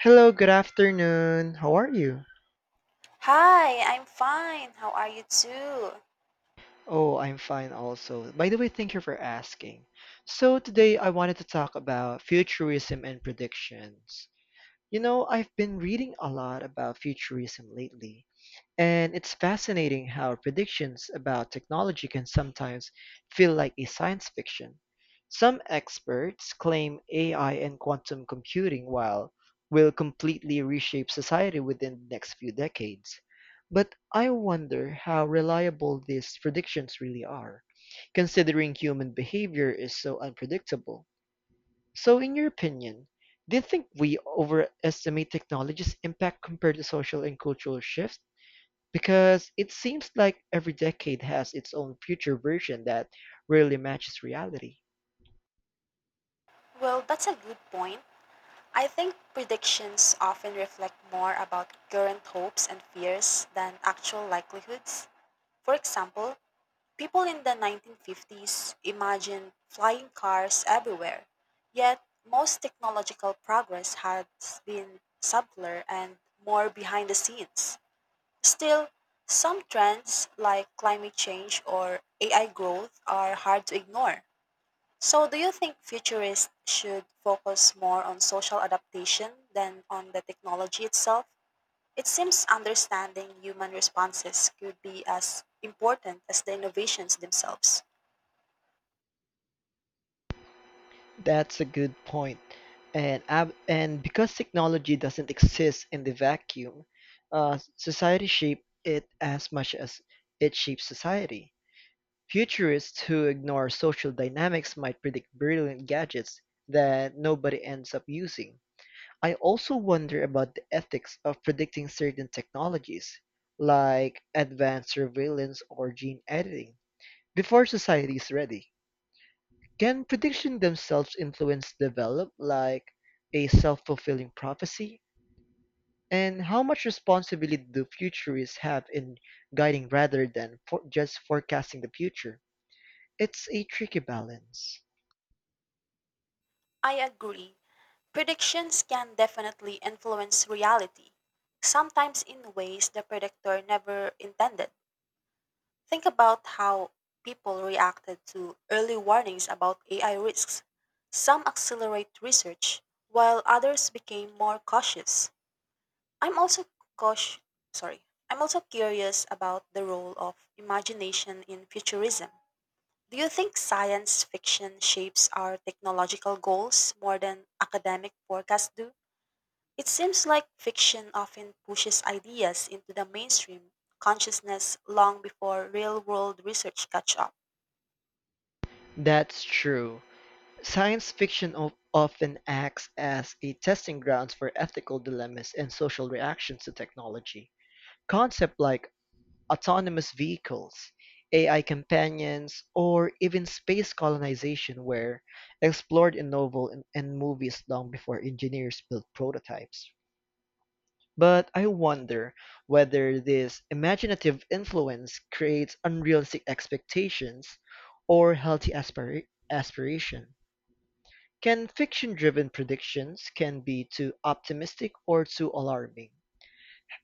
Hello, good afternoon. How are you? Hi, I'm fine. How are you too? Oh, I'm fine also. By the way, thank you for asking. So, today I wanted to talk about futurism and predictions. You know, I've been reading a lot about futurism lately, and it's fascinating how predictions about technology can sometimes feel like a science fiction. Some experts claim AI and quantum computing while will completely reshape society within the next few decades. But I wonder how reliable these predictions really are, considering human behavior is so unpredictable. So in your opinion, do you think we overestimate technology's impact compared to social and cultural shifts? Because it seems like every decade has its own future version that really matches reality. Well, that's a good point. I think predictions often reflect more about current hopes and fears than actual likelihoods. For example, people in the 1950s imagined flying cars everywhere, yet most technological progress had been subtler and more behind the scenes. Still, some trends like climate change or AI growth are hard to ignore. So, do you think futurists should focus more on social adaptation than on the technology itself? It seems understanding human responses could be as important as the innovations themselves. That's a good point. And because technology doesn't exist in the vacuum, society shape it as much as it shapes society. Futurists who ignore social dynamics might predict brilliant gadgets that nobody ends up using. I also wonder about the ethics of predicting certain technologies, like advanced surveillance or gene editing, before society is ready. Can predictions themselves influence develop, like a self fulfilling prophecy? And how much responsibility do futurists have in guiding rather than just forecasting the future? It's a tricky balance. I agree. Predictions can definitely influence reality, sometimes in ways the predictor never intended. Think about how people reacted to early warnings about AI risks. Some accelerate research, while others became more cautious. I'm also cautious, sorry. I'm also curious about the role of imagination in futurism. Do you think science fiction shapes our technological goals more than academic forecasts do? It seems like fiction often pushes ideas into the mainstream consciousness long before real world research catch up. That's true. Science fiction often acts as a testing grounds for ethical dilemmas and social reactions to technology. Concepts like autonomous vehicles, AI companions, or even space colonization were explored in novels and movies long before engineers built prototypes. But I wonder whether this imaginative influence creates unrealistic expectations or healthy aspiration. Can fiction-driven predictions can be too optimistic or too alarming?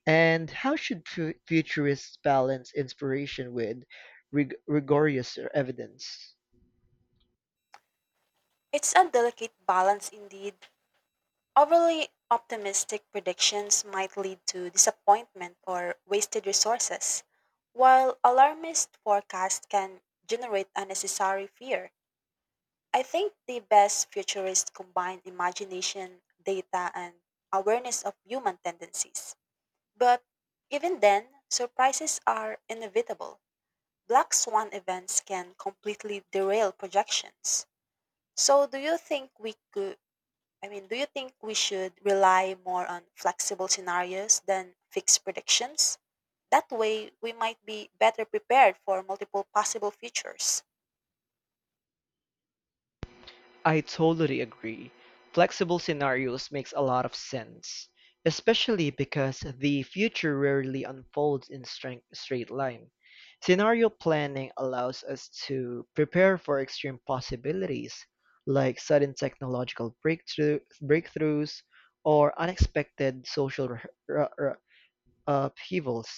And how should futurists balance inspiration with rigorous evidence? It's a delicate balance indeed. Overly optimistic predictions might lead to disappointment or wasted resources, while alarmist forecasts can generate unnecessary fear. I think the best futurists combine imagination, data, and awareness of human tendencies. But even then, surprises are inevitable. Black swan events can completely derail projections. So, do you think we could? I mean, do you think we should rely more on flexible scenarios than fixed predictions? That way, we might be better prepared for multiple possible futures. I totally agree. Flexible scenarios makes a lot of sense, especially because the future rarely unfolds in straight line. Scenario planning allows us to prepare for extreme possibilities, like sudden breakthroughs or unexpected social r- r- upheavals.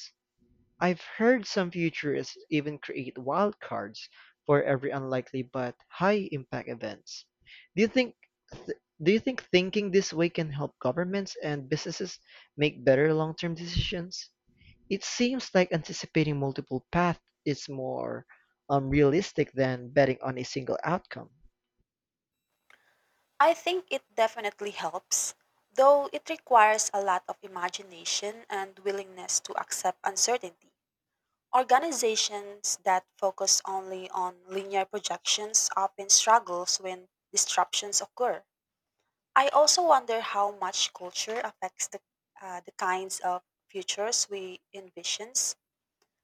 I've heard some futurists even create wildcards for every unlikely but high-impact events. Do you think th- do you think thinking this way can help governments and businesses make better long-term decisions? It seems like anticipating multiple paths is more realistic than betting on a single outcome. I think it definitely helps, though it requires a lot of imagination and willingness to accept uncertainty. Organizations that focus only on linear projections often struggles when disruptions occur. I also wonder how much culture affects the kinds of futures we envision.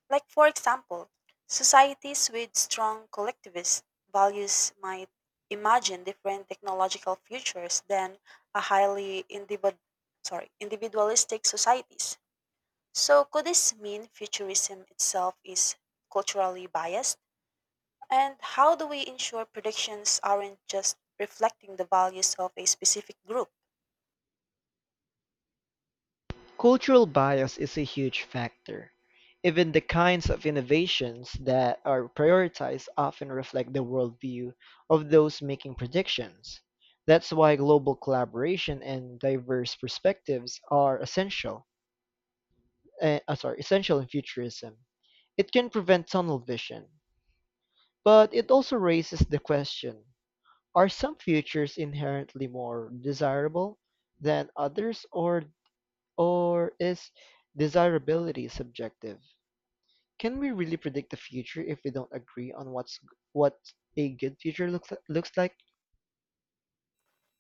Like, for example, societies with strong collectivist values might imagine different technological futures than a highly individualistic societies. So, could this mean futurism itself is culturally biased? And how do we ensure predictions aren't just reflecting the values of a specific group? Cultural bias is a huge factor. Even the kinds of innovations that are prioritized often reflect the worldview of those making predictions. That's why global collaboration and diverse perspectives are essential. Essential in futurism. It can prevent tunnel vision, but it also raises the question: are some futures inherently more desirable than others, or is desirability subjective? Can we really predict the future if we don't agree on what a good future looks like?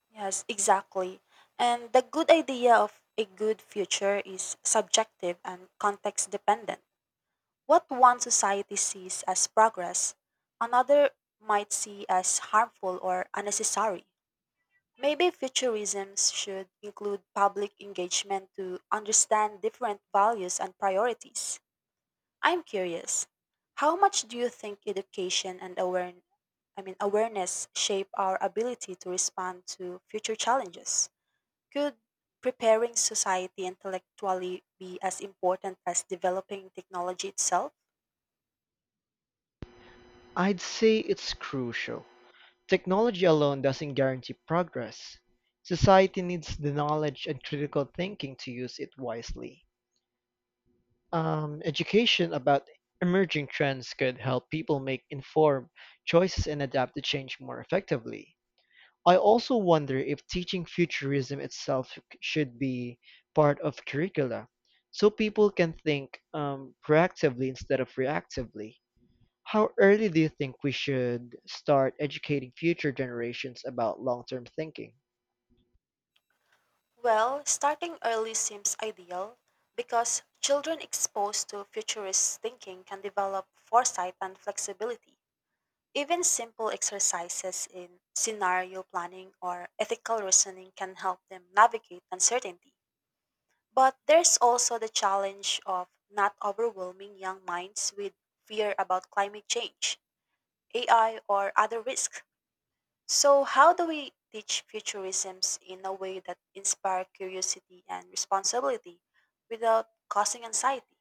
Yes, exactly. And the good idea of a good future is subjective and context dependent. What one society sees as progress, another might see as harmful or unnecessary. Maybe futurism should include public engagement to understand different values and priorities. I'm curious, how much do you think education and awareness I mean awareness shape our ability to respond to future challenges? Could preparing society intellectually be as important as developing technology itself? I'd say it's crucial. Technology alone doesn't guarantee progress. Society needs the knowledge and critical thinking to use it wisely. Education about emerging trends could help people make informed choices and adapt to change more effectively. I also wonder if teaching futurism itself should be part of curricula, so people can think proactively instead of reactively. How early do you think we should start educating future generations about long term thinking? Well, starting early seems ideal because children exposed to futurist thinking can develop foresight and flexibility. Even simple exercises in scenario planning or ethical reasoning can help them navigate uncertainty. But there's also the challenge of not overwhelming young minds with fear about climate change, AI, or other risks. So, how do we teach futurisms in a way that inspire curiosity and responsibility without causing anxiety?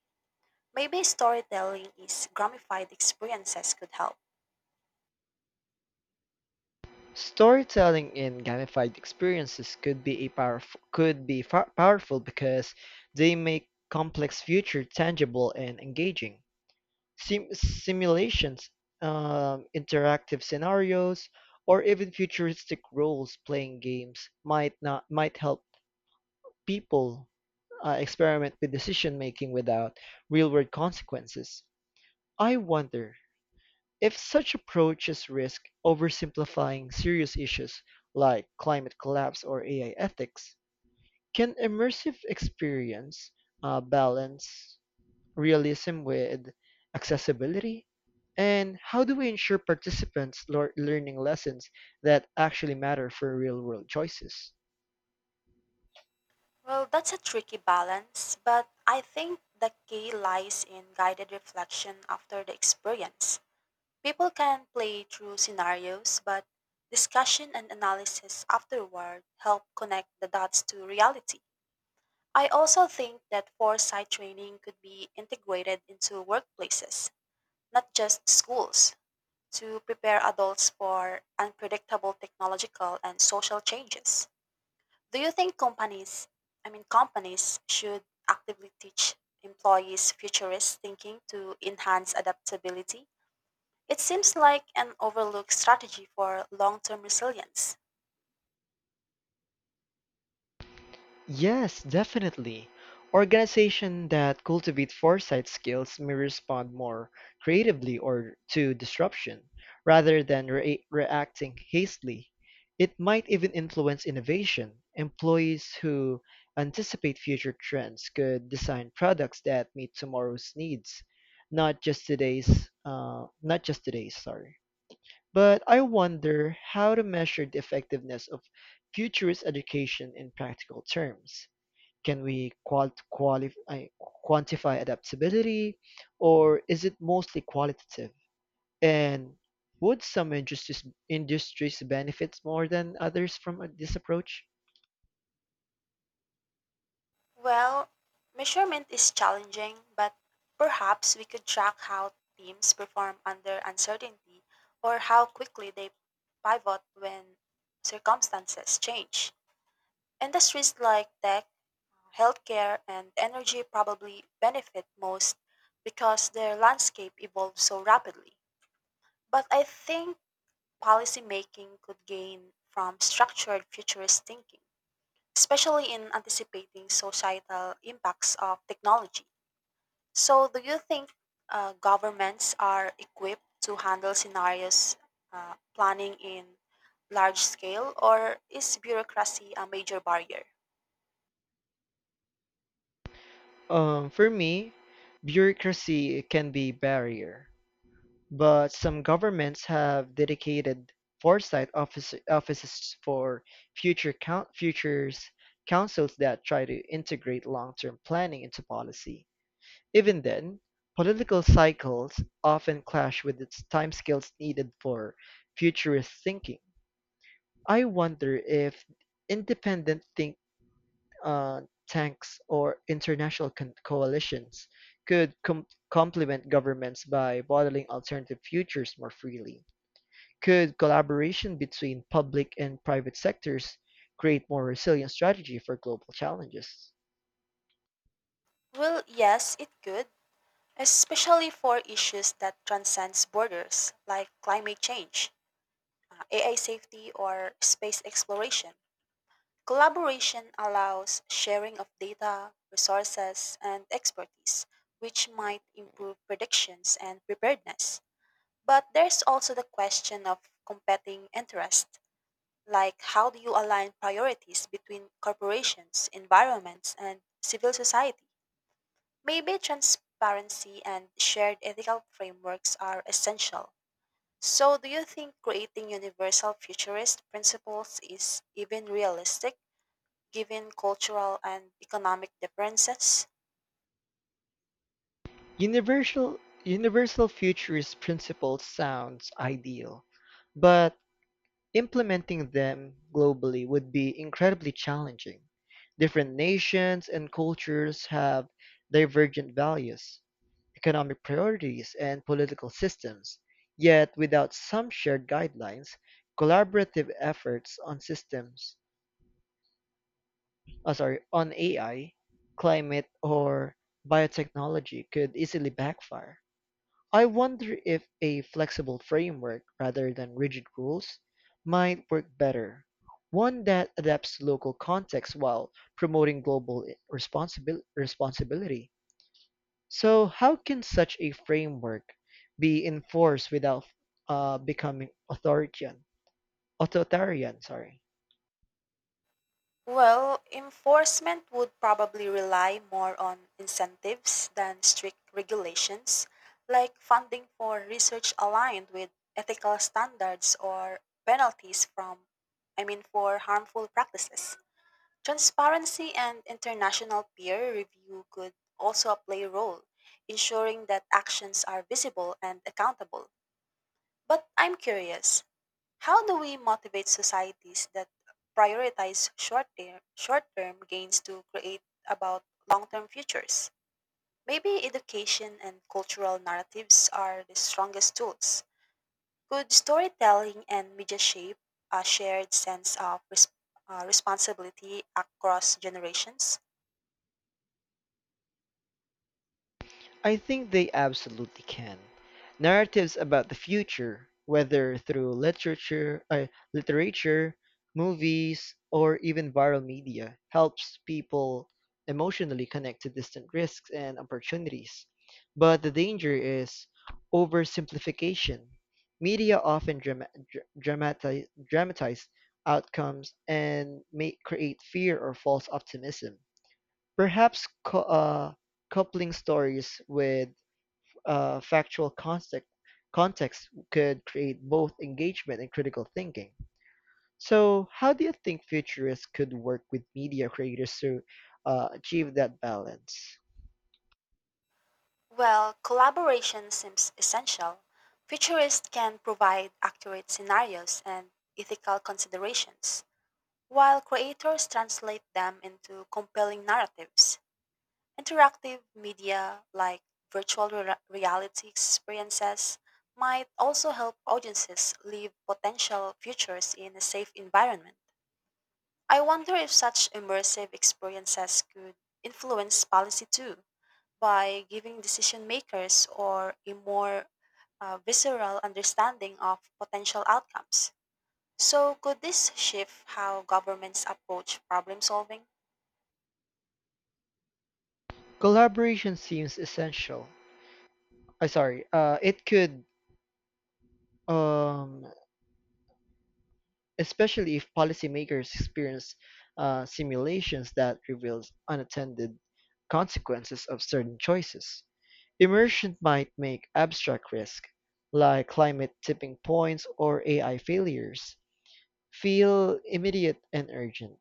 Maybe storytelling is gamified experiences could help. Storytelling in gamified experiences could be a powerful could be fa- powerful because they make complex future tangible and engaging. Simulations, interactive scenarios, or even futuristic roles-playing games might not might help people experiment with decision making without real-world consequences. I wonder, if such approaches risk oversimplifying serious issues like climate collapse or AI ethics, can immersive experience balance realism with accessibility? And how do we ensure participants learning lessons that actually matter for real world choices? Well, that's a tricky balance, but I think the key lies in guided reflection after the experience. People can play through scenarios, but discussion and analysis afterward help connect the dots to reality. I also think that foresight training could be integrated into workplaces, not just schools, to prepare adults for unpredictable technological and social changes. Do you think companies, I mean companies should actively teach employees futurist thinking to enhance adaptability? It seems like an overlooked strategy for long-term resilience. Yes, definitely. Organization that cultivate foresight skills may respond more creatively or to disruption rather than reacting hastily. It might even influence innovation. Employees who anticipate future trends could design products that meet tomorrow's needs, not just today's. Sorry. But I wonder how to measure the effectiveness of futurist education in practical terms can we qualify, quantify adaptability, or is it mostly qualitative? And would some industries benefit more than others from this approach? Well, measurement is challenging, but perhaps we could track how teams perform under uncertainty or how quickly they pivot when circumstances change. Industries like tech, healthcare, and energy probably benefit most because their landscape evolves so rapidly. But I think policymaking could gain from structured futurist thinking, especially in anticipating societal impacts of technology. So, do you think governments are equipped to handle scenarios planning in large scale, or is bureaucracy a major barrier? For me, bureaucracy can be barrier, but some governments have dedicated offices for futures councils that try to integrate long-term planning into policy. Even then, political cycles often clash with its timescales needed for futurist thinking. I wonder if independent think uh, tanks or international coalitions could complement governments by modeling alternative futures more freely. Could collaboration between public and private sectors create more resilient strategy for global challenges? Well, yes, it could, especially for issues that transcends borders, like climate change, AI safety, or space exploration. Collaboration allows sharing of data, resources, and expertise, which might improve predictions and preparedness. But there's also the question of competing interests, like how do you align priorities between corporations, environments, and civil society? Maybe transparency and shared ethical frameworks are essential. So, do you think creating universal futurist principles is even realistic given cultural and economic differences? Universal futurist principles sounds ideal, but implementing them globally would be incredibly challenging. Different nations and cultures have divergent values, economic priorities, and political systems. Yet, without some shared guidelines, collaborative efforts on AI, climate, or biotechnology could easily backfire. I wonder if a flexible framework rather than rigid rules might work better, one that adapts to local contexts while promoting global responsibility. So, how can such a framework be enforced without becoming authoritarian? Authoritarian, sorry. Well, enforcement would probably rely more on incentives than strict regulations, like funding for research aligned with ethical standards or penalties for harmful practices. Transparency and international peer review could also play a role, ensuring that actions are visible and accountable. But I'm curious, how do we motivate societies that prioritize short-term gains to create about long-term futures? Maybe education and cultural narratives are the strongest tools. Could storytelling and media shape a shared sense of responsibility across generations? I think they absolutely can. Narratives about the future, whether through literature, movies, or even viral media, helps people emotionally connect to distant risks and opportunities. But the danger is oversimplification. Media often dramatize outcomes and may create fear or false optimism. Perhaps coupling stories with uh, factual context could create both engagement and critical thinking. So, how do you think futurists could work with media creators to achieve that balance? Well, collaboration seems essential. Futurists can provide accurate scenarios and ethical considerations. While creators translate them into compelling narratives, interactive media like virtual reality experiences might also help audiences live potential futures in a safe environment. I wonder if such immersive experiences could influence policy too by giving decision makers or a more visceral understanding of potential outcomes. So, could this shift how governments approach problem solving? Collaboration seems essential. It could Um, especially if policymakers experience simulations that reveals unattended consequences of certain choices. Immersion might make abstract risk, like climate tipping points or AI failures, feel immediate and urgent.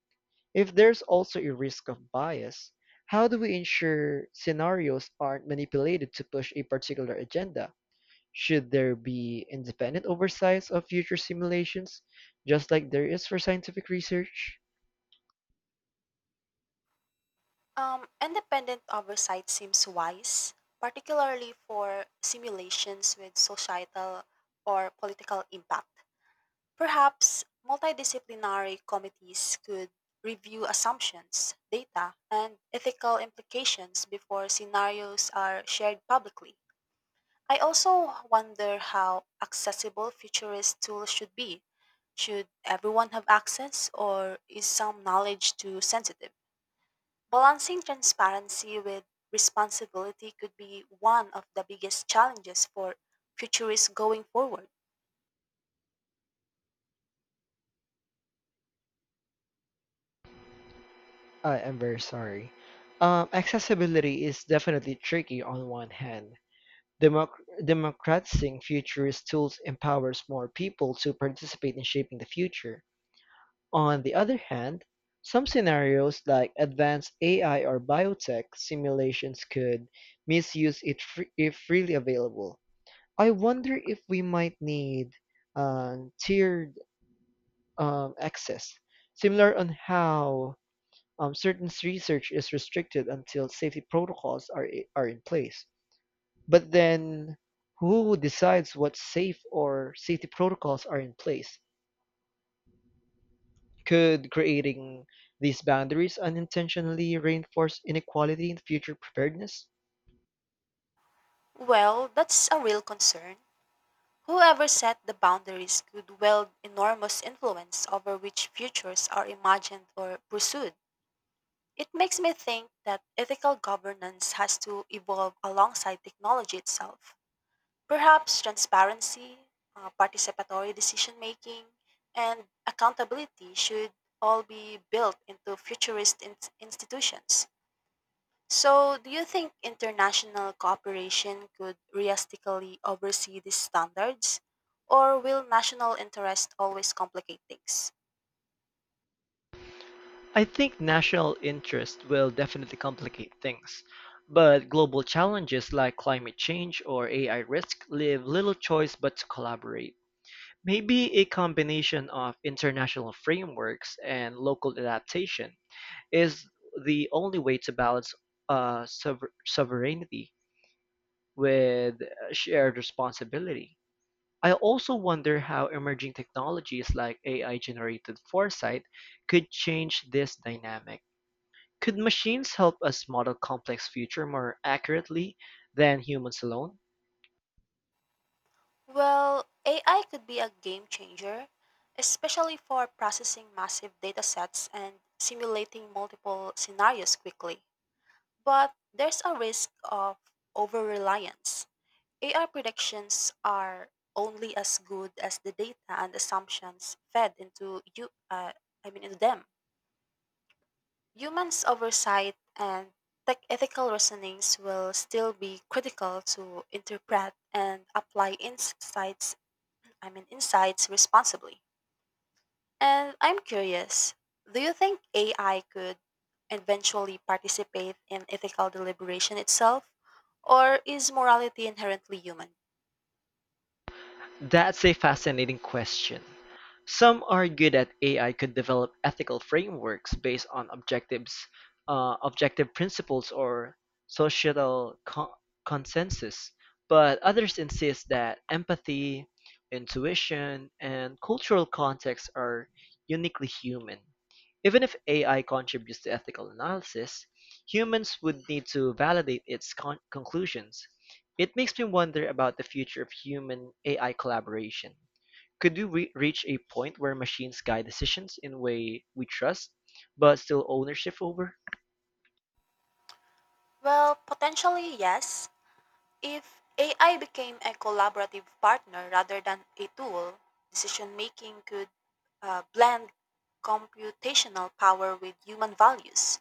If there's also a risk of bias, how do we ensure scenarios aren't manipulated to push a particular agenda? Should there be independent oversight of future simulations, just like there is for scientific research? Independent oversight seems wise, particularly for simulations with societal or political impact. Perhaps multidisciplinary committees could review assumptions, data, and ethical implications before scenarios are shared publicly. I also wonder how accessible futurist tools should be. Should everyone have access, or is some knowledge too sensitive? Balancing transparency with responsibility could be one of the biggest challenges for futurists going forward. I am very sorry. Accessibility is definitely tricky on one hand. Democratizing futurist tools empowers more people to participate in shaping the future. On the other hand, some scenarios like advanced AI or biotech simulations could misuse it if freely available. I wonder if we might need tiered access, similar on how certain research is restricted until safety protocols are in place. But then, who decides what's safe or safety protocols are in place? Could creating these boundaries unintentionally reinforce inequality in future preparedness? Well, that's a real concern. Whoever set the boundaries could wield enormous influence over which futures are imagined or pursued. It makes me think that ethical governance has to evolve alongside technology itself. Perhaps transparency, participatory decision making, and accountability should all be built into futurist institutions. So, do you think international cooperation could realistically oversee these standards? Or will national interest always complicate things? I think national interest will definitely complicate things, but global challenges like climate change or AI risk leave little choice but to collaborate. Maybe a combination of international frameworks and local adaptation is the only way to balance sovereignty with shared responsibility. I also wonder how emerging technologies like AI-generated foresight could change this dynamic. Could machines help us model complex future more accurately than humans alone? Well, AI could be a game changer, especially for processing massive data sets and simulating multiple scenarios quickly. But there's a risk of over reliance. AI predictions are only as good as the data and assumptions fed into you. I mean, into them. Humans' oversight and tech ethical reasonings will still be critical to interpret and apply insights responsibly. And I'm curious, do you think AI could eventually participate in ethical deliberation itself? Or is morality inherently human? That's a fascinating question. Some argue that AI could develop ethical frameworks based on objective principles, or societal consensus, but others insist that empathy, intuition, and cultural context are uniquely human. Even if AI contributes to ethical analysis, humans would need to validate its conclusions. It makes me wonder about the future of human-AI collaboration. Could we reach a point where machines guide decisions in a way we trust, but still ownership over? Well, potentially yes. If AI became a collaborative partner rather than a tool, decision making could blend computational power with human values.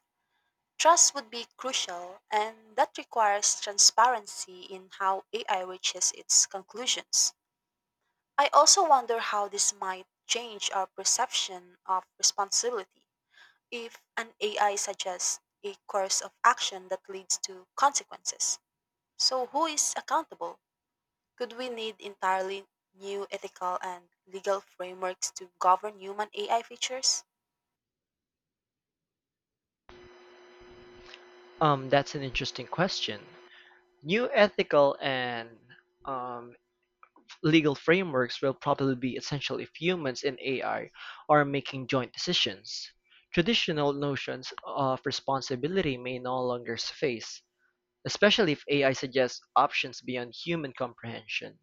Trust would be crucial, and that requires transparency in how AI reaches its conclusions. I also wonder how this might change our perception of responsibility. If an AI suggests a course of action that leads to consequences, so who is accountable? Could we need entirely new ethical and legal frameworks to govern human AI features? That's an interesting question. New ethical and um, legal frameworks will probably be essential if humans and AI are making joint decisions. Traditional notions of responsibility may no longer suffice, especially if AI suggests options beyond human comprehension.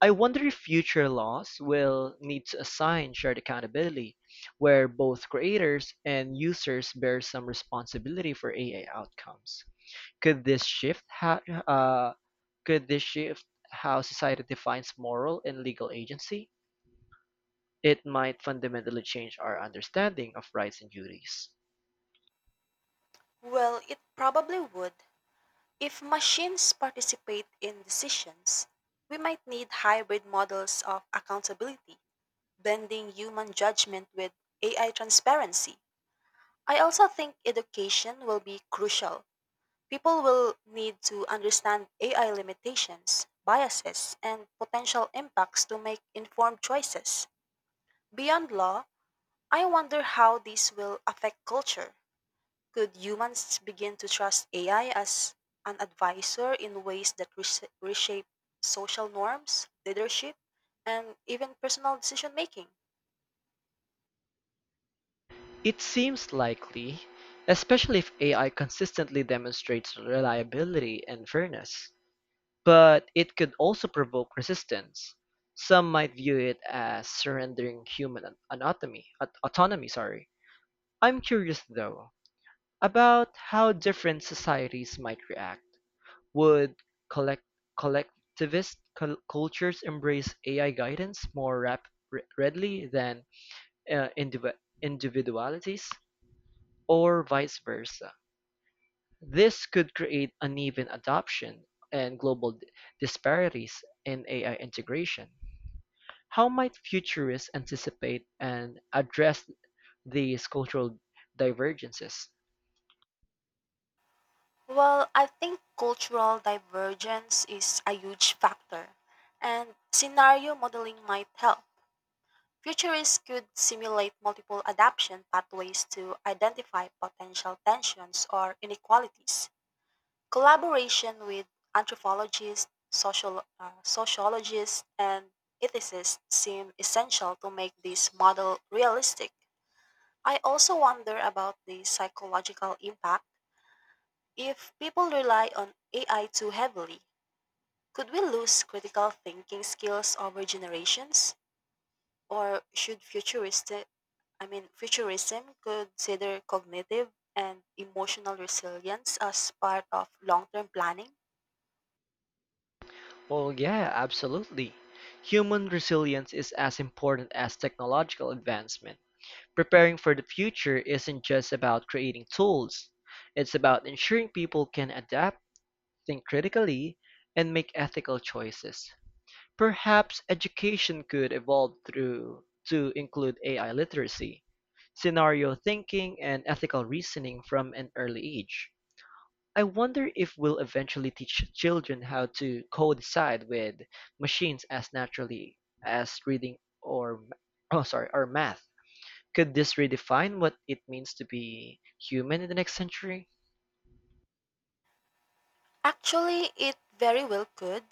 I wonder if future laws will need to assign shared accountability, where both creators and users bear some responsibility for AI outcomes. Could this shift how uh, could this shift how society defines moral and legal agency? It might fundamentally change our understanding of rights and duties. Well, it probably would. If machines participate in decisions, we might need hybrid models of accountability, blending human judgment with AI transparency. I also think education will be crucial. People will need to understand AI limitations, biases, and potential impacts to make informed choices. Beyond law, I wonder how this will affect culture. Could humans begin to trust AI as an advisor in ways that reshape social norms, leadership, and even personal decision making? It seems likely, especially if AI consistently demonstrates reliability and fairness. But it could also provoke resistance; some might view it as surrendering human an- anatomy, aut- autonomy. Sorry. I'm curious though about how different societies might react. Would collect collectivist cultures embrace AI guidance more readily than uh, indiv individualities, or vice versa? This could create uneven adoption and global disparities in AI integration. How might futurists anticipate and address these cultural divergences? Well, I think cultural divergence is a huge factor, and scenario modeling might help. Futurists could simulate multiple adaptation pathways to identify potential tensions or inequalities. Collaboration with anthropologists, sociologists, and ethicists seem essential to make this model realistic. I also wonder about the psychological impact if people rely on AI too heavily, could we lose critical thinking skills over generations? Or should futuristic I mean futurism consider cognitive and emotional resilience as part of long-term planning? Well, yeah, absolutely. Human resilience is as important as technological advancement. Preparing for the future isn't just about creating tools, it's about ensuring people can adapt, think critically, and make ethical choices. Perhaps education could evolve through to include AI literacy, scenario thinking and ethical reasoning from an early age. I wonder if we'll eventually teach children how to co-decide with machines as naturally as reading or or math. Could this redefine what it means to be human in the next century? Actually, it very well could.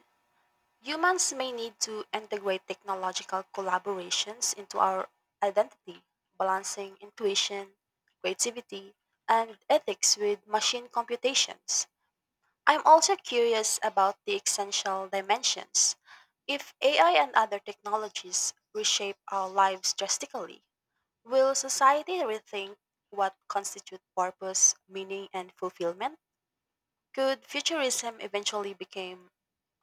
Humans may need to integrate technological collaborations into our identity, balancing intuition, creativity, and ethics with machine computations. I'm also curious about the essential dimensions. If AI and other technologies reshape our lives drastically, will society rethink what constitute purpose, meaning, and fulfillment? Could futurism eventually become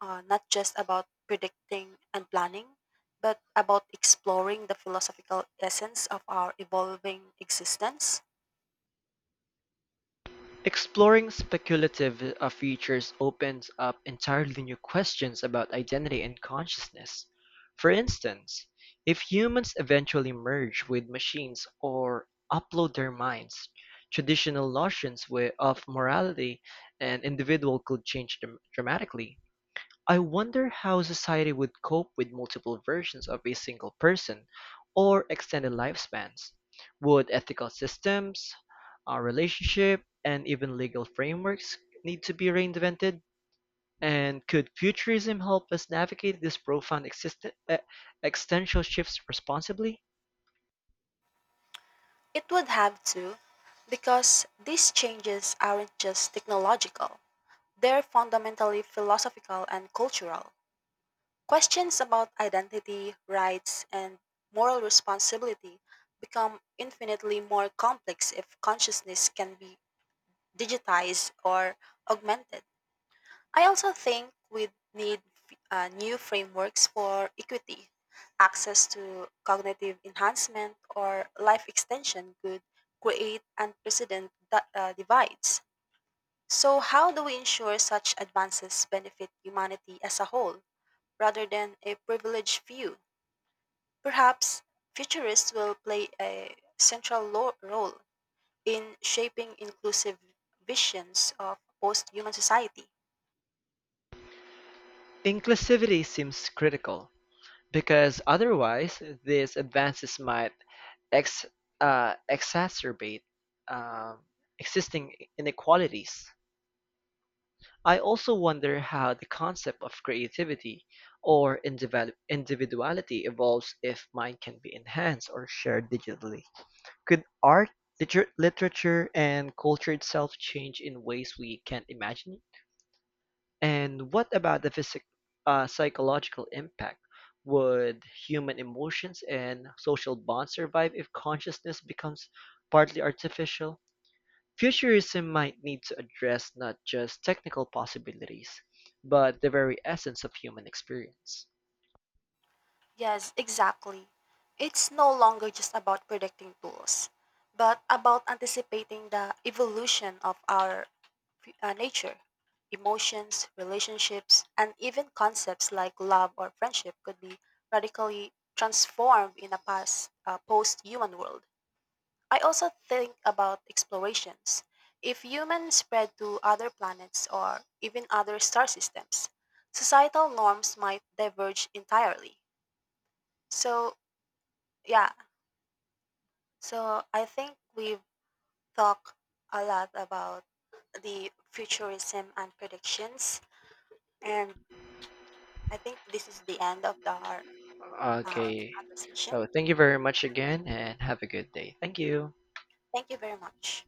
not just about predicting and planning, but about exploring the philosophical essence of our evolving existence? Exploring speculative features opens up entirely new questions about identity and consciousness. For instance, if humans eventually merge with machines or upload their minds, traditional notions of morality and individual could change dramatically. I wonder how society would cope with multiple versions of a single person or extended lifespans. Would ethical systems, our relationship, and even legal frameworks need to be reinvented? And could futurism help us navigate these profound existential shifts responsibly? It would have to, because these changes aren't just technological. They're fundamentally philosophical and cultural. Questions about identity, rights, and moral responsibility become infinitely more complex if consciousness can be digitized or augmented. I also think we need new frameworks for equity. Access to cognitive enhancement or life extension could create unprecedented divides. So, how do we ensure such advances benefit humanity as a whole rather than a privileged few? Perhaps futurists will play a central role in shaping inclusive visions of post human society. Inclusivity seems critical because otherwise, these advances might ex- exacerbate um, existing inequalities. I also wonder how the concept of creativity or individuality evolves if mine can be enhanced or shared digitally. Could art, literature, and culture itself change in ways we can't imagine and what about the physic psychological impact? Would human emotions and social bonds survive if consciousness becomes partly artificial? Futurism might need to address not just technical possibilities, but the very essence of human experience. Yes, exactly. It's no longer just about predicting tools, but about anticipating the evolution of our nature. Emotions, relationships, and even concepts like love or friendship could be radically transformed in a post human world. I also think about explorations. If humans spread to other planets or even other star systems, societal norms might diverge entirely. So, yeah, so I think we've talked a lot about the futurism and predictions. And I think this is the end of the Okay. conversation. Oh, thank you very much again and have a good day. Thank you. Thank you very much.